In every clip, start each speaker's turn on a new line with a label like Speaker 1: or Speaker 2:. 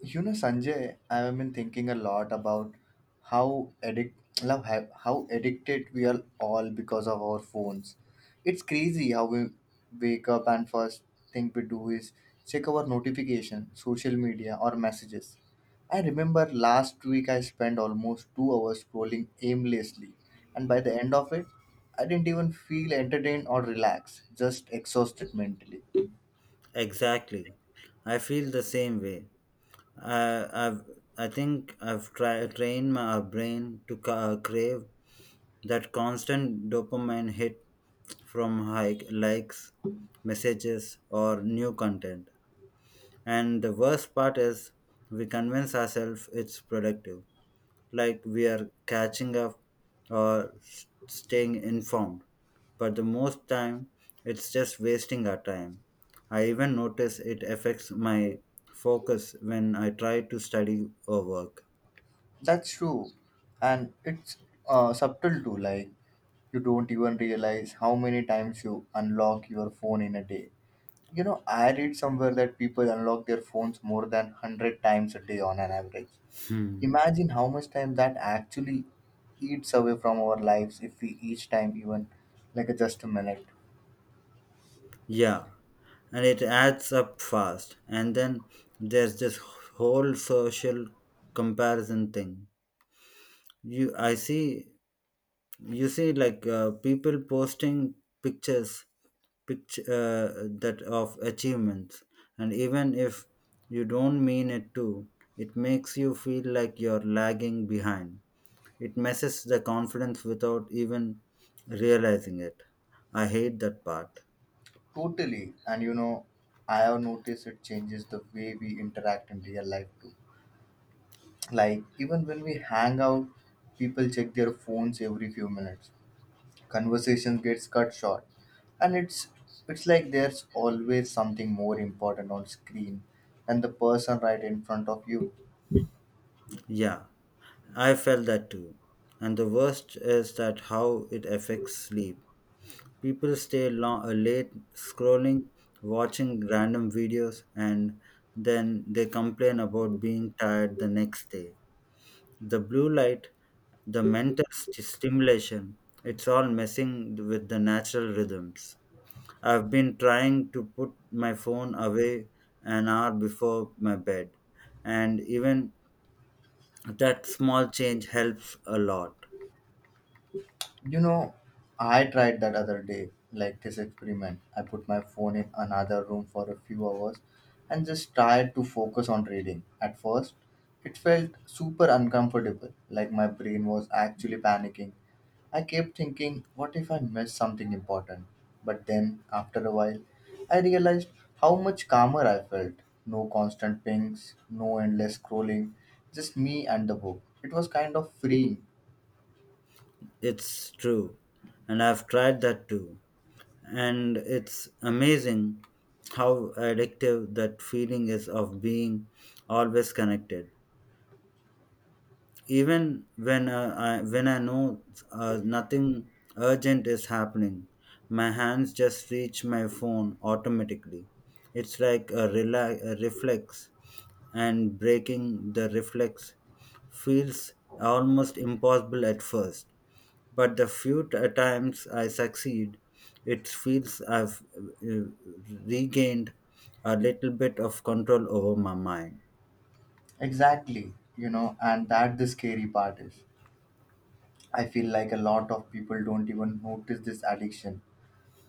Speaker 1: You know, Sanjay, I have been thinking a lot about how addict, how addicted we are all because of our phones. It's crazy how we wake up and first thing we do is check our notification, social media, or messages. I remember last week I spent almost 2 hours scrolling aimlessly, and by the end of it, I didn't even feel entertained or relaxed, just exhausted mentally.
Speaker 2: Exactly. I feel the same way. I, I've, I think I've trained my brain to crave that constant dopamine hit from likes, messages, or new content. And the worst part is, we convince ourselves it's productive like we are catching up or staying informed. But the most time, it's just wasting our time. I even notice it affects my focus when I try to study or work.
Speaker 1: That's true. And it's subtle too, like you don't even realize how many times you unlock your phone in a day. You know, I read somewhere that people unlock their phones more than 100 times a day on an average.
Speaker 2: Hmm.
Speaker 1: Imagine how much time that actually eats away from our lives if we each time even like a just a minute.
Speaker 2: Yeah, and it adds up fast. And then there's this whole social comparison thing. I see you see like people posting pictures picture that of achievements, and even if you don't mean it to, it makes you feel like you're lagging behind. It messes the confidence without even realizing it. I hate that part.
Speaker 1: Totally. And you know, I have noticed it changes the way we interact in real life too. Like, even when we hang out, people check their phones every few minutes. Conversation gets cut short. And it's like there's always something more important on screen than the person right in front of you.
Speaker 2: Yeah, I felt that too. And the worst is that how it affects sleep. People stay long, late scrolling, watching random videos, and then they complain about being tired the next day. The blue light, the mental stimulation, it's all messing with the natural rhythms. I've been trying to put my phone away an hour before my bed, and even that small change helps a lot.
Speaker 1: You know, I tried that other day, like this experiment. I put my phone in another room for a few hours and just tried to focus on reading. At first, it felt super uncomfortable, like my brain was actually panicking. I kept thinking, what if I miss something important? But then, after a while, I realized how much calmer I felt. No constant pings, no endless scrolling, just me and the book. It was kind of freeing.
Speaker 2: It's true, and I've tried that too. And it's amazing how addictive that feeling is of being always connected. Even when when I know nothing urgent is happening, my hands just reach my phone automatically. It's like a reflex, and breaking the reflex feels almost impossible at first. But the few times I succeed, it feels I've regained a little bit of control over my mind.
Speaker 1: Exactly, you know, and that the scary part is. I feel like a lot of people don't even notice this addiction.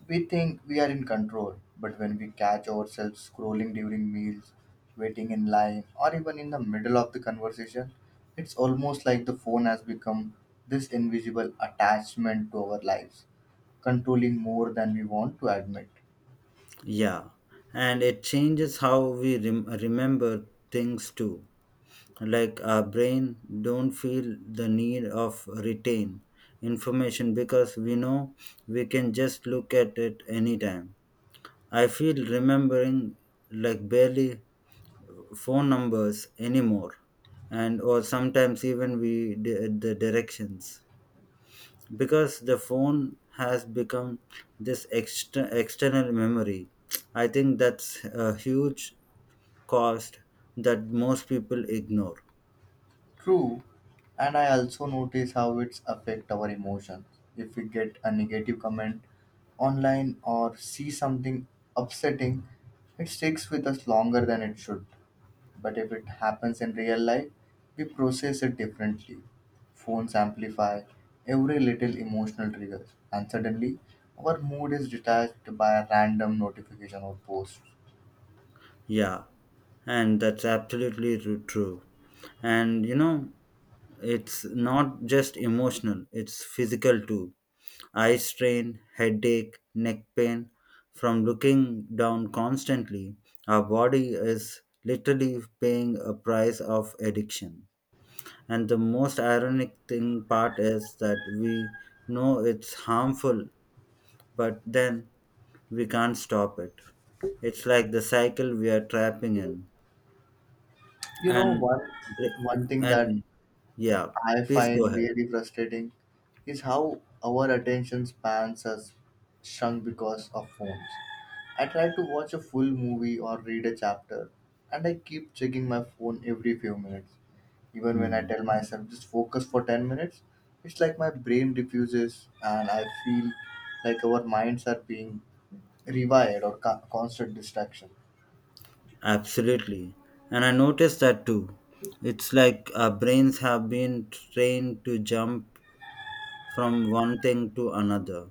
Speaker 1: We think we are in control, but when we catch ourselves scrolling during meals, waiting in line, or even in the middle of the conversation, it's almost like the phone has become this invisible attachment to our lives, controlling more than we want to admit.
Speaker 2: Yeah, and it changes how we remember things too. Like our brain don't feel the need of retain information because we know we can just look at it anytime. I feel remembering like barely phone numbers anymore and or sometimes even we the directions because the phone has become this external memory. I think that's a huge cost that most people ignore.
Speaker 1: True, and I also notice how it's affect our emotions. If we get a negative comment online or see something upsetting, it sticks with us longer than it should. But if it happens in real life, we process it differently. Phones amplify every little emotional trigger, and suddenly our mood is detached by a random notification or post.
Speaker 2: Yeah, and that's absolutely true. And you know, it's not just emotional, it's physical too. Eye strain, headache, neck pain from looking down constantly. Our body is literally paying a price of addiction. And the most ironic thing part is that we know it's harmful, but then we can't stop it. It's like the cycle we are trapping in.
Speaker 1: You know,
Speaker 2: And
Speaker 1: one thing that
Speaker 2: and yeah,
Speaker 1: I
Speaker 2: please go
Speaker 1: find
Speaker 2: ahead.
Speaker 1: really frustrating is how our attention spans has shrunk because of phones. I try to watch a full movie or read a chapter, and I keep checking my phone every few minutes. Even when I
Speaker 2: Hmm.
Speaker 1: tell myself just focus for 10 minutes, it's like my brain refuses, and I feel like our minds are being rewired or constant distraction.
Speaker 2: Absolutely. And I noticed that too. It's like our brains have been trained to jump from one thing to another.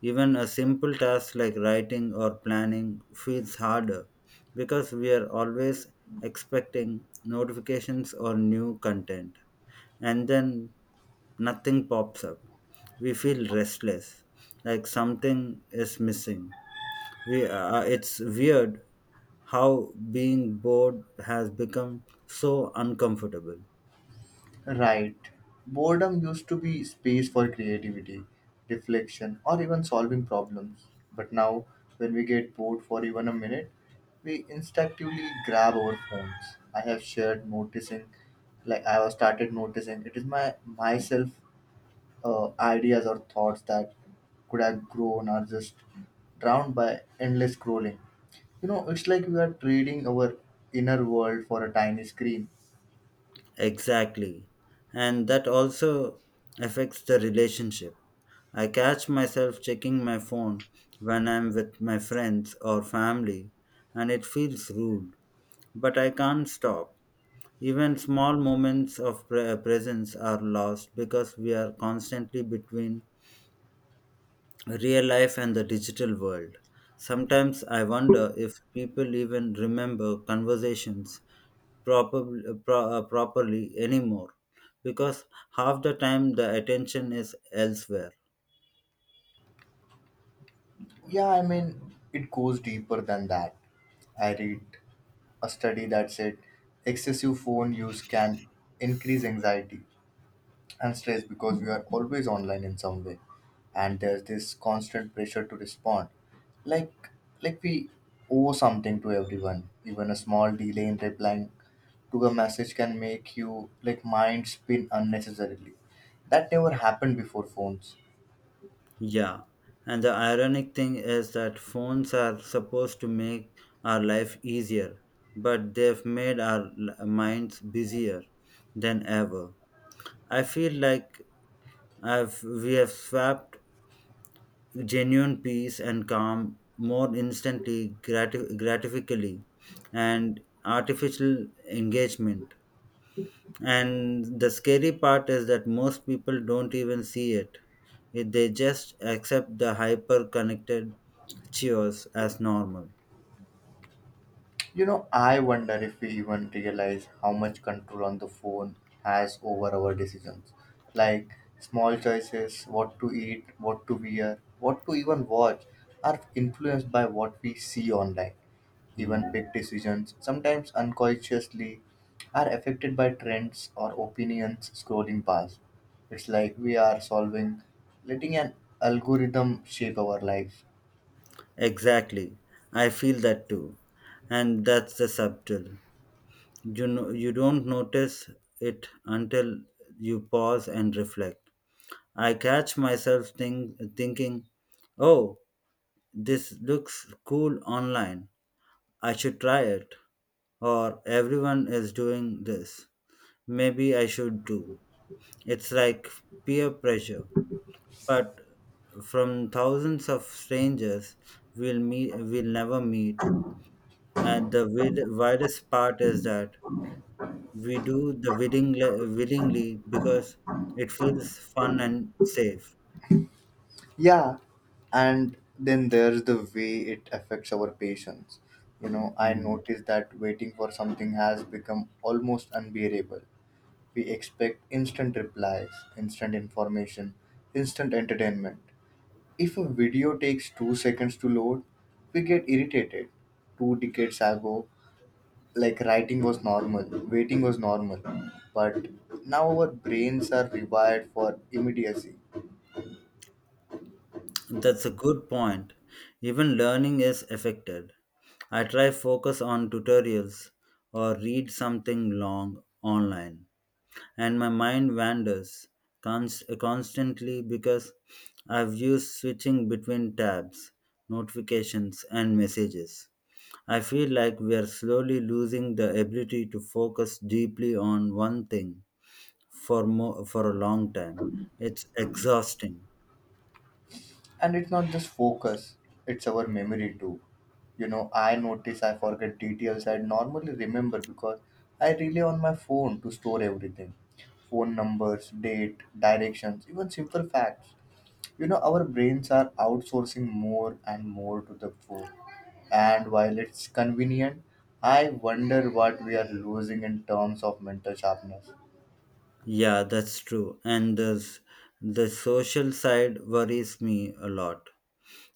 Speaker 2: Even a simple task like writing or planning feels harder because we are always expecting notifications or new content. And then nothing pops up. We feel restless, like something is missing. It's weird how being bored has become so uncomfortable.
Speaker 1: Right. Boredom used to be space for creativity, reflection, or even solving problems. But now, when we get bored for even a minute, we instinctively grab our phones. I have started noticing, it is my myself ideas or thoughts that could have grown are just drowned by endless scrolling. You know, it's like we are trading our inner world for a tiny screen.
Speaker 2: Exactly. And that also affects the relationship. I catch myself checking my phone when I'm with my friends or family, and it feels rude. But I can't stop. Even small moments of presence are lost because we are constantly between real life and the digital world. Sometimes I wonder if people even remember conversations properly anymore because half the time the attention is elsewhere.
Speaker 1: Yeah, I mean, it goes deeper than that. I read a study that said excessive phone use can increase anxiety and stress because we are always online in some way, and there's this constant pressure to respond. Like, like we owe something to everyone. Even a small delay in replying to a message can make you like mind spin unnecessarily. That never happened before phones.
Speaker 2: Yeah, and the ironic thing is that phones are supposed to make our life easier, but they've made our minds busier than ever. I feel like I've we have swapped genuine peace and calm more instantly gratifically and artificial engagement. And the scary part is that most people don't even see it. It- they just accept the hyper connected cheers as normal.
Speaker 1: You know, I wonder if we even realize how much control on the phone has over our decisions. Like small choices, what to eat, what to wear, what to even watch, are influenced by what we see online. Even
Speaker 2: Hmm.
Speaker 1: big decisions, sometimes unconsciously, are affected by trends or opinions scrolling past. It's like we are solving, letting an algorithm shape our lives.
Speaker 2: Exactly. I feel that too. And that's the subtle. You know, you don't notice it until you pause and reflect. I catch myself thinking, oh, this looks cool online. I should try it. Or everyone is doing this. Maybe I should too. It's like peer pressure. But from thousands of strangers we'll never meet. And the widest part is that we do the willingly because it feels fun and safe.
Speaker 1: Yeah, and then there's the way it affects our patience. You know, I
Speaker 2: Hmm.
Speaker 1: noticed that waiting for something has become almost unbearable. We expect instant replies, instant information, instant entertainment. If a video takes 2 seconds to load, we get irritated. Two decades ago, like writing was normal, waiting was normal, but now our brains are rewired for immediacy.
Speaker 2: That's a good point. Even learning is affected. I try focus on tutorials or read something long online and my mind wanders constantly because I've used switching between tabs, notifications and messages. I feel like we are slowly losing the ability to focus deeply on one thing for for a long time. It's exhausting.
Speaker 1: And it's not just focus, it's our memory too. You know, I notice I forget details I normally remember because I rely on my phone to store everything: phone numbers, date, directions, even simple facts. You know, our brains are outsourcing more and more to the phone, and while it's convenient, I wonder what we are losing in terms of mental sharpness.
Speaker 2: Yeah, that's true. And the social side worries me a lot.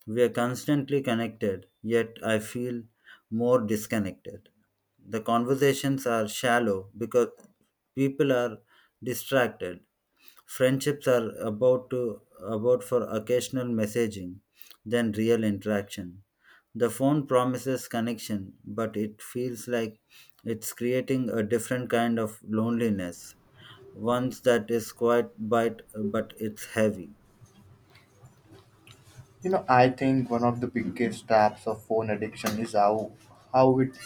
Speaker 2: We are constantly connected, yet I feel more disconnected. The conversations are shallow because people are distracted. Friendships are about to about for occasional messaging than real interaction. The phone promises connection, but it feels like it's creating a different kind of loneliness, one that is quite bite but it's heavy.
Speaker 1: You know, I think one of the biggest traps of phone addiction is how it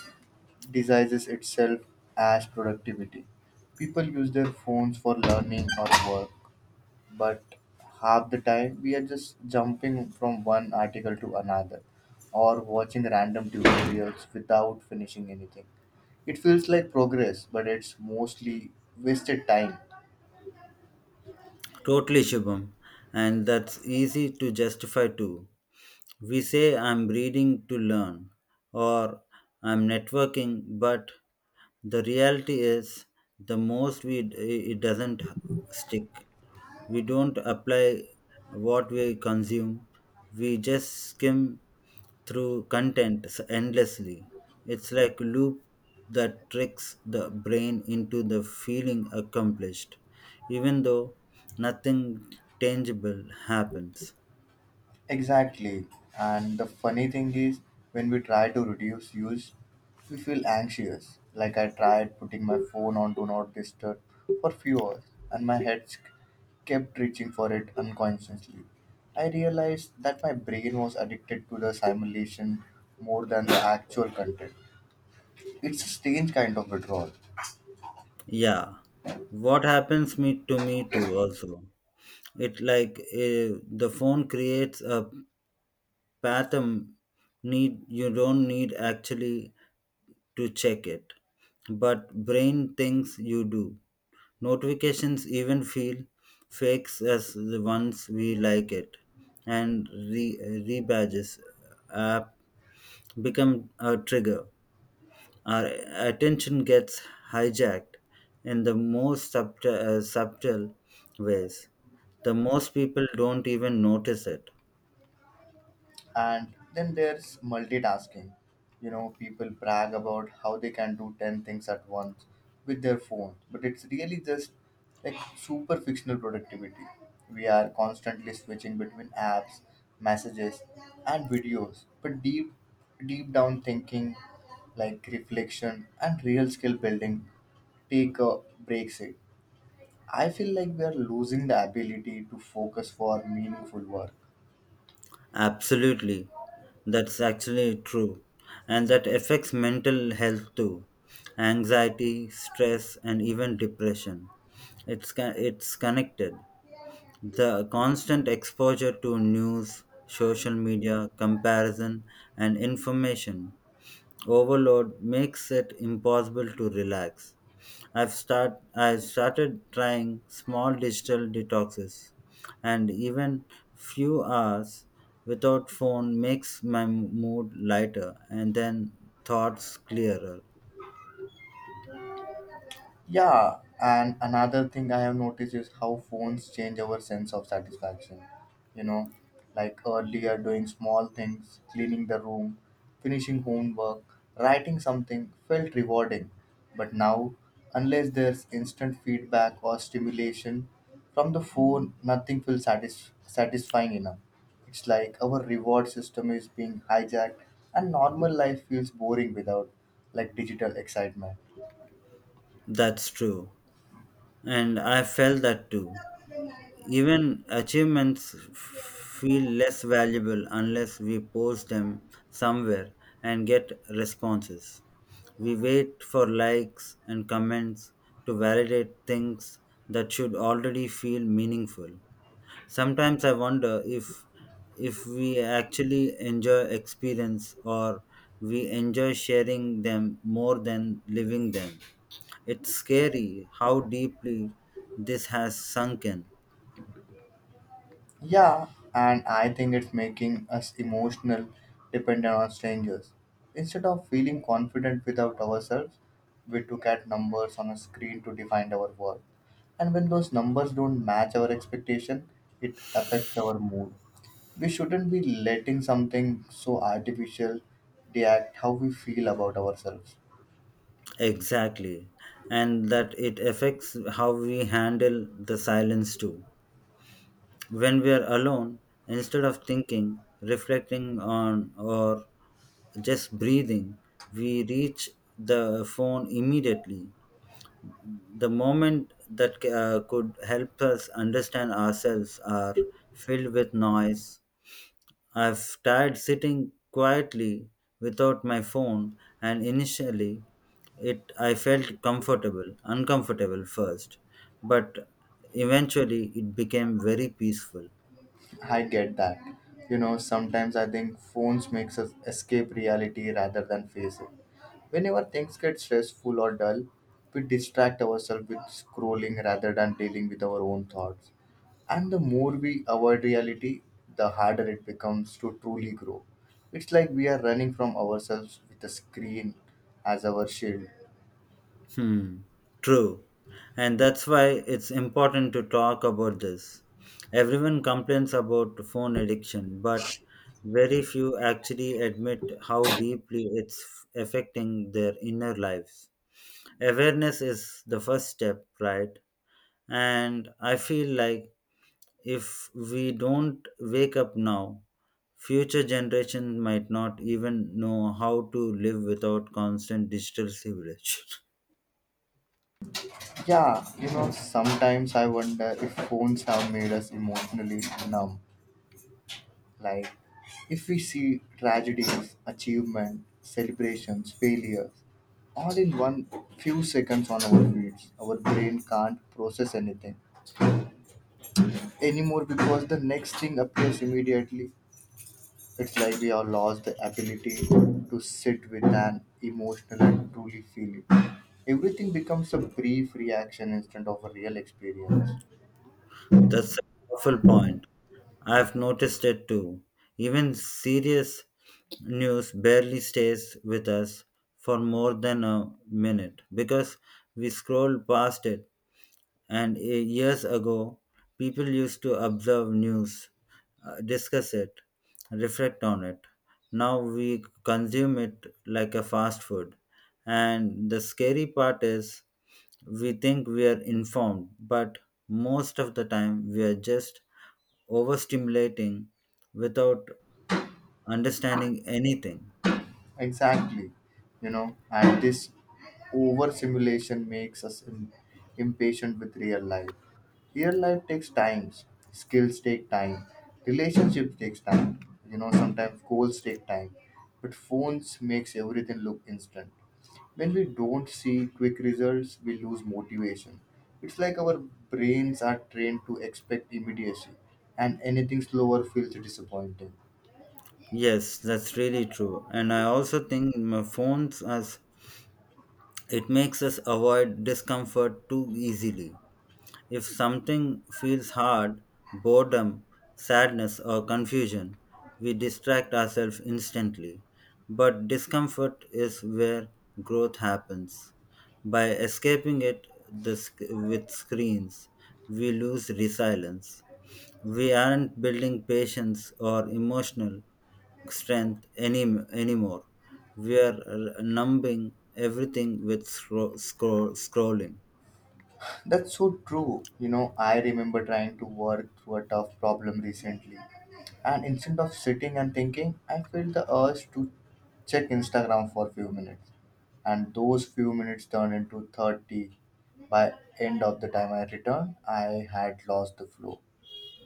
Speaker 1: disguises itself as productivity. People use their phones for learning or work, but half the time we are just jumping from one article to another or watching random tutorials without finishing anything. It feels like progress, but it's mostly wasted time.
Speaker 2: Totally, Shubham. And that's easy to justify too. We say I'm reading to learn or I'm networking, but the reality is the most we it doesn't stick. We don't apply what we consume. We just skim through content endlessly. It's like loop that tricks the brain into the feeling accomplished, even though nothing tangible happens.
Speaker 1: Exactly. And the funny thing is, when we try to reduce use, we feel anxious. Like I tried putting my phone on Do Not Disturb for few hours, and my kept reaching for it unconsciously. I realized that my brain was addicted to the simulation more than the actual content. It's a strange kind of withdrawal.
Speaker 2: Yeah, what happens me to me too also. It like the phone creates a pattern need you don't need actually to check it, but brain thinks you do. Notifications even feel fakes as the ones we like it, and rebadges app become a trigger. Our attention gets hijacked in the most subtle ways. The most people don't even notice it.
Speaker 1: And then there's multitasking. You know, people brag about how they can do 10 things at once with their phone, but it's really just like super fictional productivity. We are constantly switching between apps, messages, and videos, but deep, deep down thinking, like reflection and real skill building, take a breaks it. I feel like we are losing the ability to focus for meaningful work.
Speaker 2: Absolutely, that's actually true, and that affects mental health too, anxiety, stress, and even depression. It's connected. The constant exposure to news, social media, comparison, and information overload makes it impossible to relax. I started trying small digital detoxes, and even few hours without phone makes my mood lighter and then thoughts clearer.
Speaker 1: Yeah, and another thing I have noticed is how phones change our sense of satisfaction. You know, like earlier doing small things, cleaning the room, finishing homework, writing something felt rewarding. But now, unless there's instant feedback or stimulation from the phone, nothing feels satisfying enough. It's like our reward system is being hijacked and normal life feels boring without like digital excitement.
Speaker 2: That's true, and I felt that too. Even achievements feel less valuable unless we post them somewhere and get responses. We wait for likes and comments to validate things that should already feel meaningful. Sometimes I wonder if we actually enjoy experience or we enjoy sharing them more than living them. It's scary how deeply this has sunk in.
Speaker 1: Yeah, and I think it's making us emotional dependent on strangers. Instead of feeling confident without ourselves, we look at numbers on a screen to define our worth. And when those numbers don't match our expectation, it affects our mood. We shouldn't be letting something so artificial react how we feel about ourselves.
Speaker 2: Exactly. And that it affects how we handle the silence too. When we are alone, instead of thinking, reflecting on, or just breathing, we reach the phone immediately. The moment that could help us understand ourselves are filled with noise. I've tried sitting quietly without my phone and initially it I felt uncomfortable first, but eventually it became very peaceful.
Speaker 1: I get that. You know, sometimes I think phones makes us escape reality rather than face it. Whenever things get stressful or dull, we distract ourselves with scrolling rather than dealing with our own thoughts. And the more we avoid reality, the harder it becomes to truly grow. It's like we are running from ourselves with a screen as our shield.
Speaker 2: Hmm. True. And that's why it's important to talk about this. Everyone complains about phone addiction, but very few actually admit how deeply it's affecting their inner lives. Awareness is the first step, right? And I feel like if we don't wake up now, future generations might not even know how to live without constant digital civilization.
Speaker 1: Yeah, you know, sometimes I wonder if phones have made us emotionally numb. Like, if we see tragedies, achievement, celebrations, failures, all in one few seconds on our feeds, our brain can't process anything anymore because the next thing appears immediately. It's like we have lost the ability to sit with an emotional and truly feel it. Everything becomes a brief reaction instead of a real experience.
Speaker 2: That's a powerful point. I've noticed it too. Even serious news barely stays with us for more than a minute because we scroll past it. And years ago, people used to observe news, discuss it, reflect on it. Now we consume it like a fast food. And the scary part is, we think we are informed, but most of the time we are just overstimulating without understanding anything.
Speaker 1: Exactly. You know, and this oversimulation makes us impatient with real life. Real life takes time, skills take time, relationship takes time. You know, sometimes goals take time, but phones makes everything look instant. When we don't see quick results, we lose motivation. It's like our brains are trained to expect immediacy, and anything slower feels disappointing.
Speaker 2: Yes, that's really true. And I also think my phones has it makes us avoid discomfort too easily. If something feels hard, boredom, sadness, or confusion, we distract ourselves instantly. But discomfort is where growth happens. By escaping it with screens, we lose resilience. We aren't building patience or emotional strength anymore. We are numbing everything with scrolling.
Speaker 1: That's so true. You know, I remember trying to work through a tough problem recently. And instead of sitting and thinking, I felt the urge to check Instagram for a few minutes. And those few minutes turned into 30. By end of the time I returned, I had lost the flow.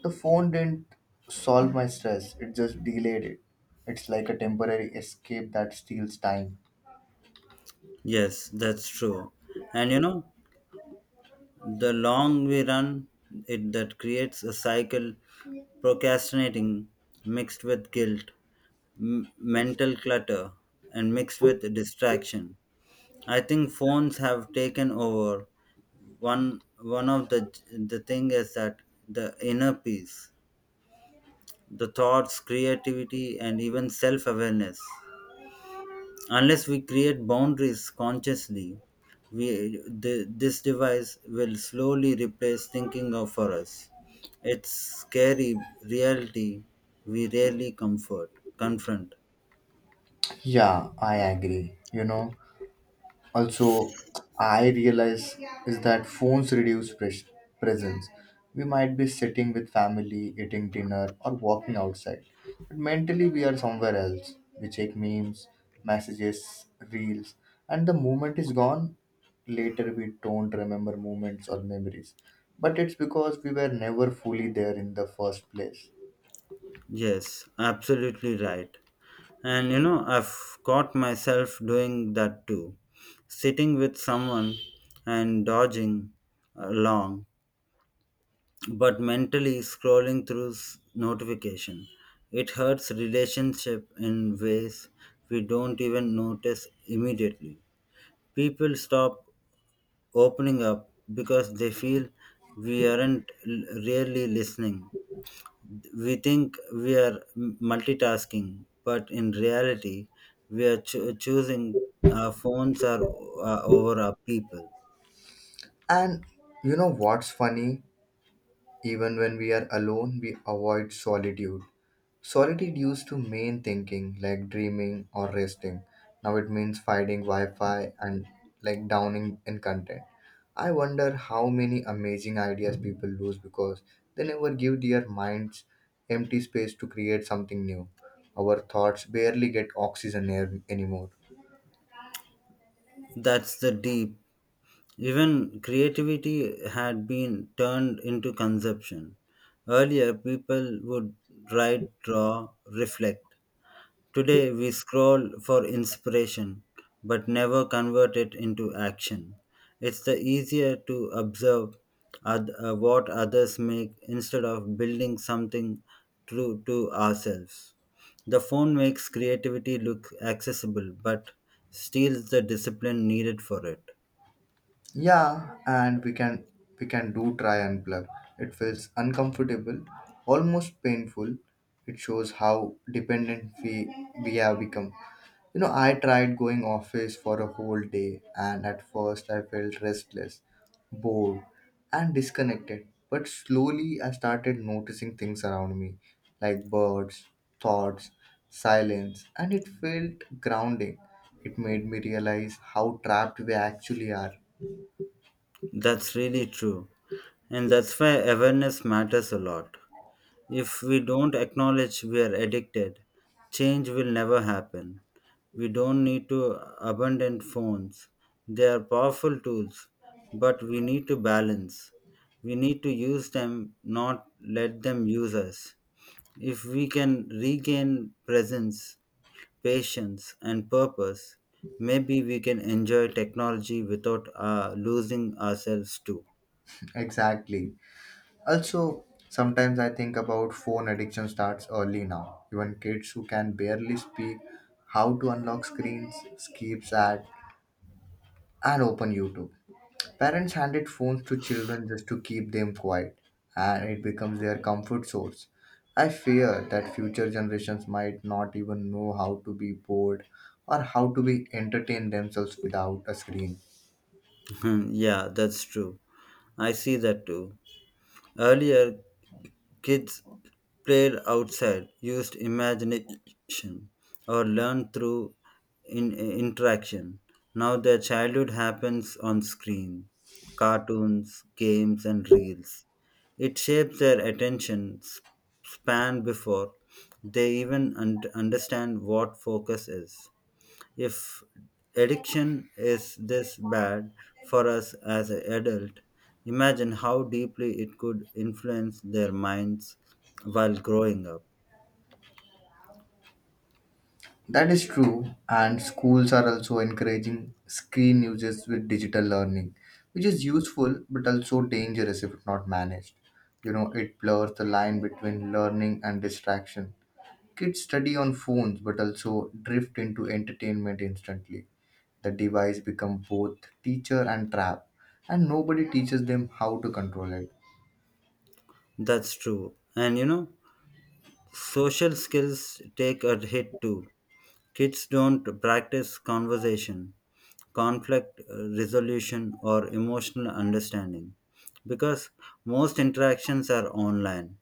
Speaker 1: The phone didn't solve my stress, it just delayed it. It's like a temporary escape that steals time.
Speaker 2: Yes, that's true. And you know, the long we run, it that creates a cycle, procrastinating mixed with guilt, mental clutter, and mixed with distraction. I think phones have taken over one of the thing is that the inner peace, the thoughts, creativity and even self awareness. Unless we create boundaries consciously, this device will slowly replace thinking of for us. It's scary reality we rarely comfort confront.
Speaker 1: Yeah, I agree. You know, also, I realize is that phones reduce presence. We might be sitting with family, eating dinner, or walking outside, but mentally we are somewhere else. We check memes, messages, reels, and the moment is gone. Later, we don't remember moments or memories, but it's because we were never fully there in the first place.
Speaker 2: Yes, absolutely right. And you know, I've caught myself doing that too, sitting with someone and dodging along, but mentally scrolling through notification. It hurts relationship in ways we don't even notice immediately. People stop opening up because they feel we aren't really listening. We think we are multitasking, but in reality, we are choosing our phones are over our people.
Speaker 1: And you know what's funny? Even when we are alone, we avoid solitude. Solitude used to mean thinking, like dreaming or resting. Now it means finding Wi Fi and like downing in content. I wonder how many amazing ideas people lose because they never give their minds empty space to create something new. Our thoughts barely get oxygen air anymore.
Speaker 2: That's the deep. Even creativity had been turned into consumption. Earlier, people would write, draw, reflect. Today we scroll for inspiration but never convert it into action. It's the easier to observe what others make instead of building something true to ourselves. The phone makes creativity look accessible but steals the discipline needed for it.
Speaker 1: Yeah, and we can do try and plug. It feels uncomfortable, almost painful. It shows how dependent we have become. You know, I tried going office for a whole day and at first I felt restless, bored, and disconnected. But slowly I started noticing things around me, like birds, thoughts, silence, and it felt grounding. It made me realize how trapped we actually are.
Speaker 2: That's really true. And that's why awareness matters a lot. If we don't acknowledge we are addicted, change will never happen. We don't need to abandon phones. They are powerful tools, but we need to balance. We need to use them, not let them use us. If we can regain presence, patience, and purpose, maybe we can enjoy technology without losing ourselves too.
Speaker 1: Exactly. Also, sometimes I think about phone addiction starts early now. Even kids who can barely speak, how to unlock screens, skips ad, and open YouTube. Parents handed phones to children just to keep them quiet, and it becomes their comfort source. I fear that future generations might not even know how to be bored or how to be entertain themselves without a screen.
Speaker 2: Yeah, that's true. I see that too. Earlier, kids played outside, used imagination, or learned through interaction. Now their childhood happens on screen, cartoons, games, and reels. It shapes their attention span before they even understand what focus is. If addiction is this bad for us as an adult, imagine how deeply it could influence their minds while growing up.
Speaker 1: That is true, and schools are also encouraging screen uses with digital learning, which is useful but also dangerous if not managed. You know, it blurs the line between learning and distraction. Kids study on phones but also drift into entertainment instantly. The device becomes both teacher and trap, and nobody teaches them how to control it.
Speaker 2: That's true. And you know, social skills take a hit too. Kids don't practice conversation, conflict resolution, or emotional understanding because most interactions are online.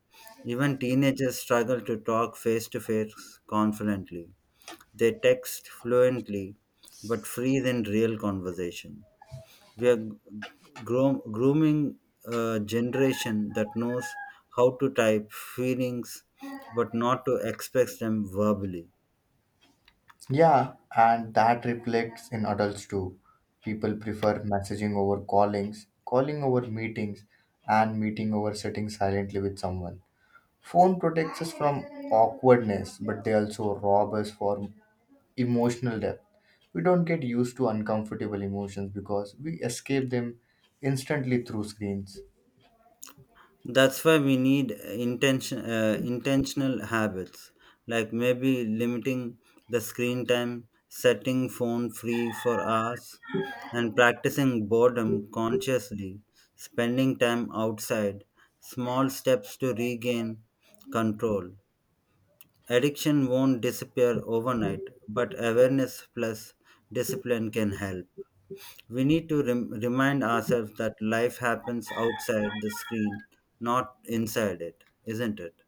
Speaker 2: Even teenagers struggle to talk face to face confidently. They text fluently but freeze in real conversation. We are grooming a generation that knows how to type feelings but not to express them verbally.
Speaker 1: Yeah, and that reflects in adults too. People prefer messaging over callings, calling over meetings, and meeting over sitting silently with someone. Phone protects us from awkwardness, but they also rob us for emotional depth. We don't get used to uncomfortable emotions because we escape them instantly through screens.
Speaker 2: That's why we need intentional habits like maybe limiting the screen time, setting phone free for hours and practicing boredom consciously, spending time outside, small steps to regain control. Addiction won't disappear overnight but awareness plus discipline can help. We need to remind ourselves that life happens outside the screen, not inside it, isn't it?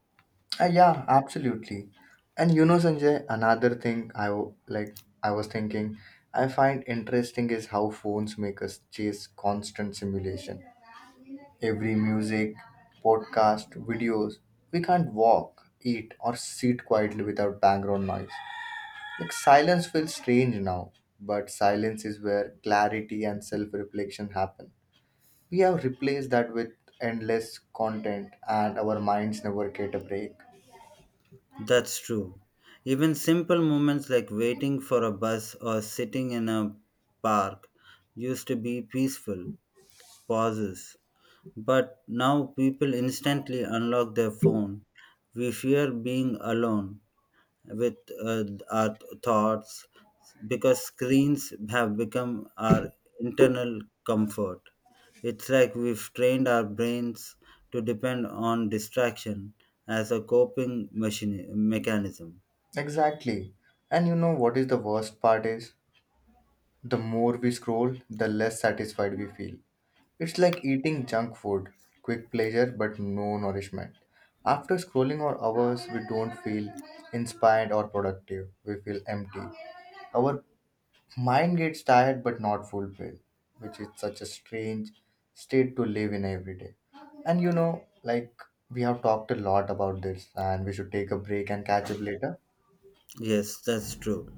Speaker 1: Yeah, absolutely. And you know, Sanjay, another thing I w- like I was thinking I find interesting is how phones make us chase constant simulation. Every music, podcast, videos, we can't walk, eat, or sit quietly without background noise. Like silence feels strange now, but silence is where clarity and self-reflection happen. We have replaced that with endless content and our minds never get a break.
Speaker 2: That's true. Even simple moments like waiting for a bus or sitting in a park used to be peaceful pauses. But now people instantly unlock their phone. We fear being alone with uh, our thoughts because screens have become our internal comfort. It's like we've trained our brains to depend on distraction as a coping machine mechanism.
Speaker 1: Exactly. And you know what is the worst part is? The more we scroll, the less satisfied we feel. It's like eating junk food, quick pleasure but no nourishment. After scrolling for hours, we don't feel inspired or productive. We feel empty. Our mind gets tired but not fulfilled, which is such a strange state to live in every day. And you know, like we have talked a lot about this, and we should take a break and catch up later.
Speaker 2: Yes, that's true.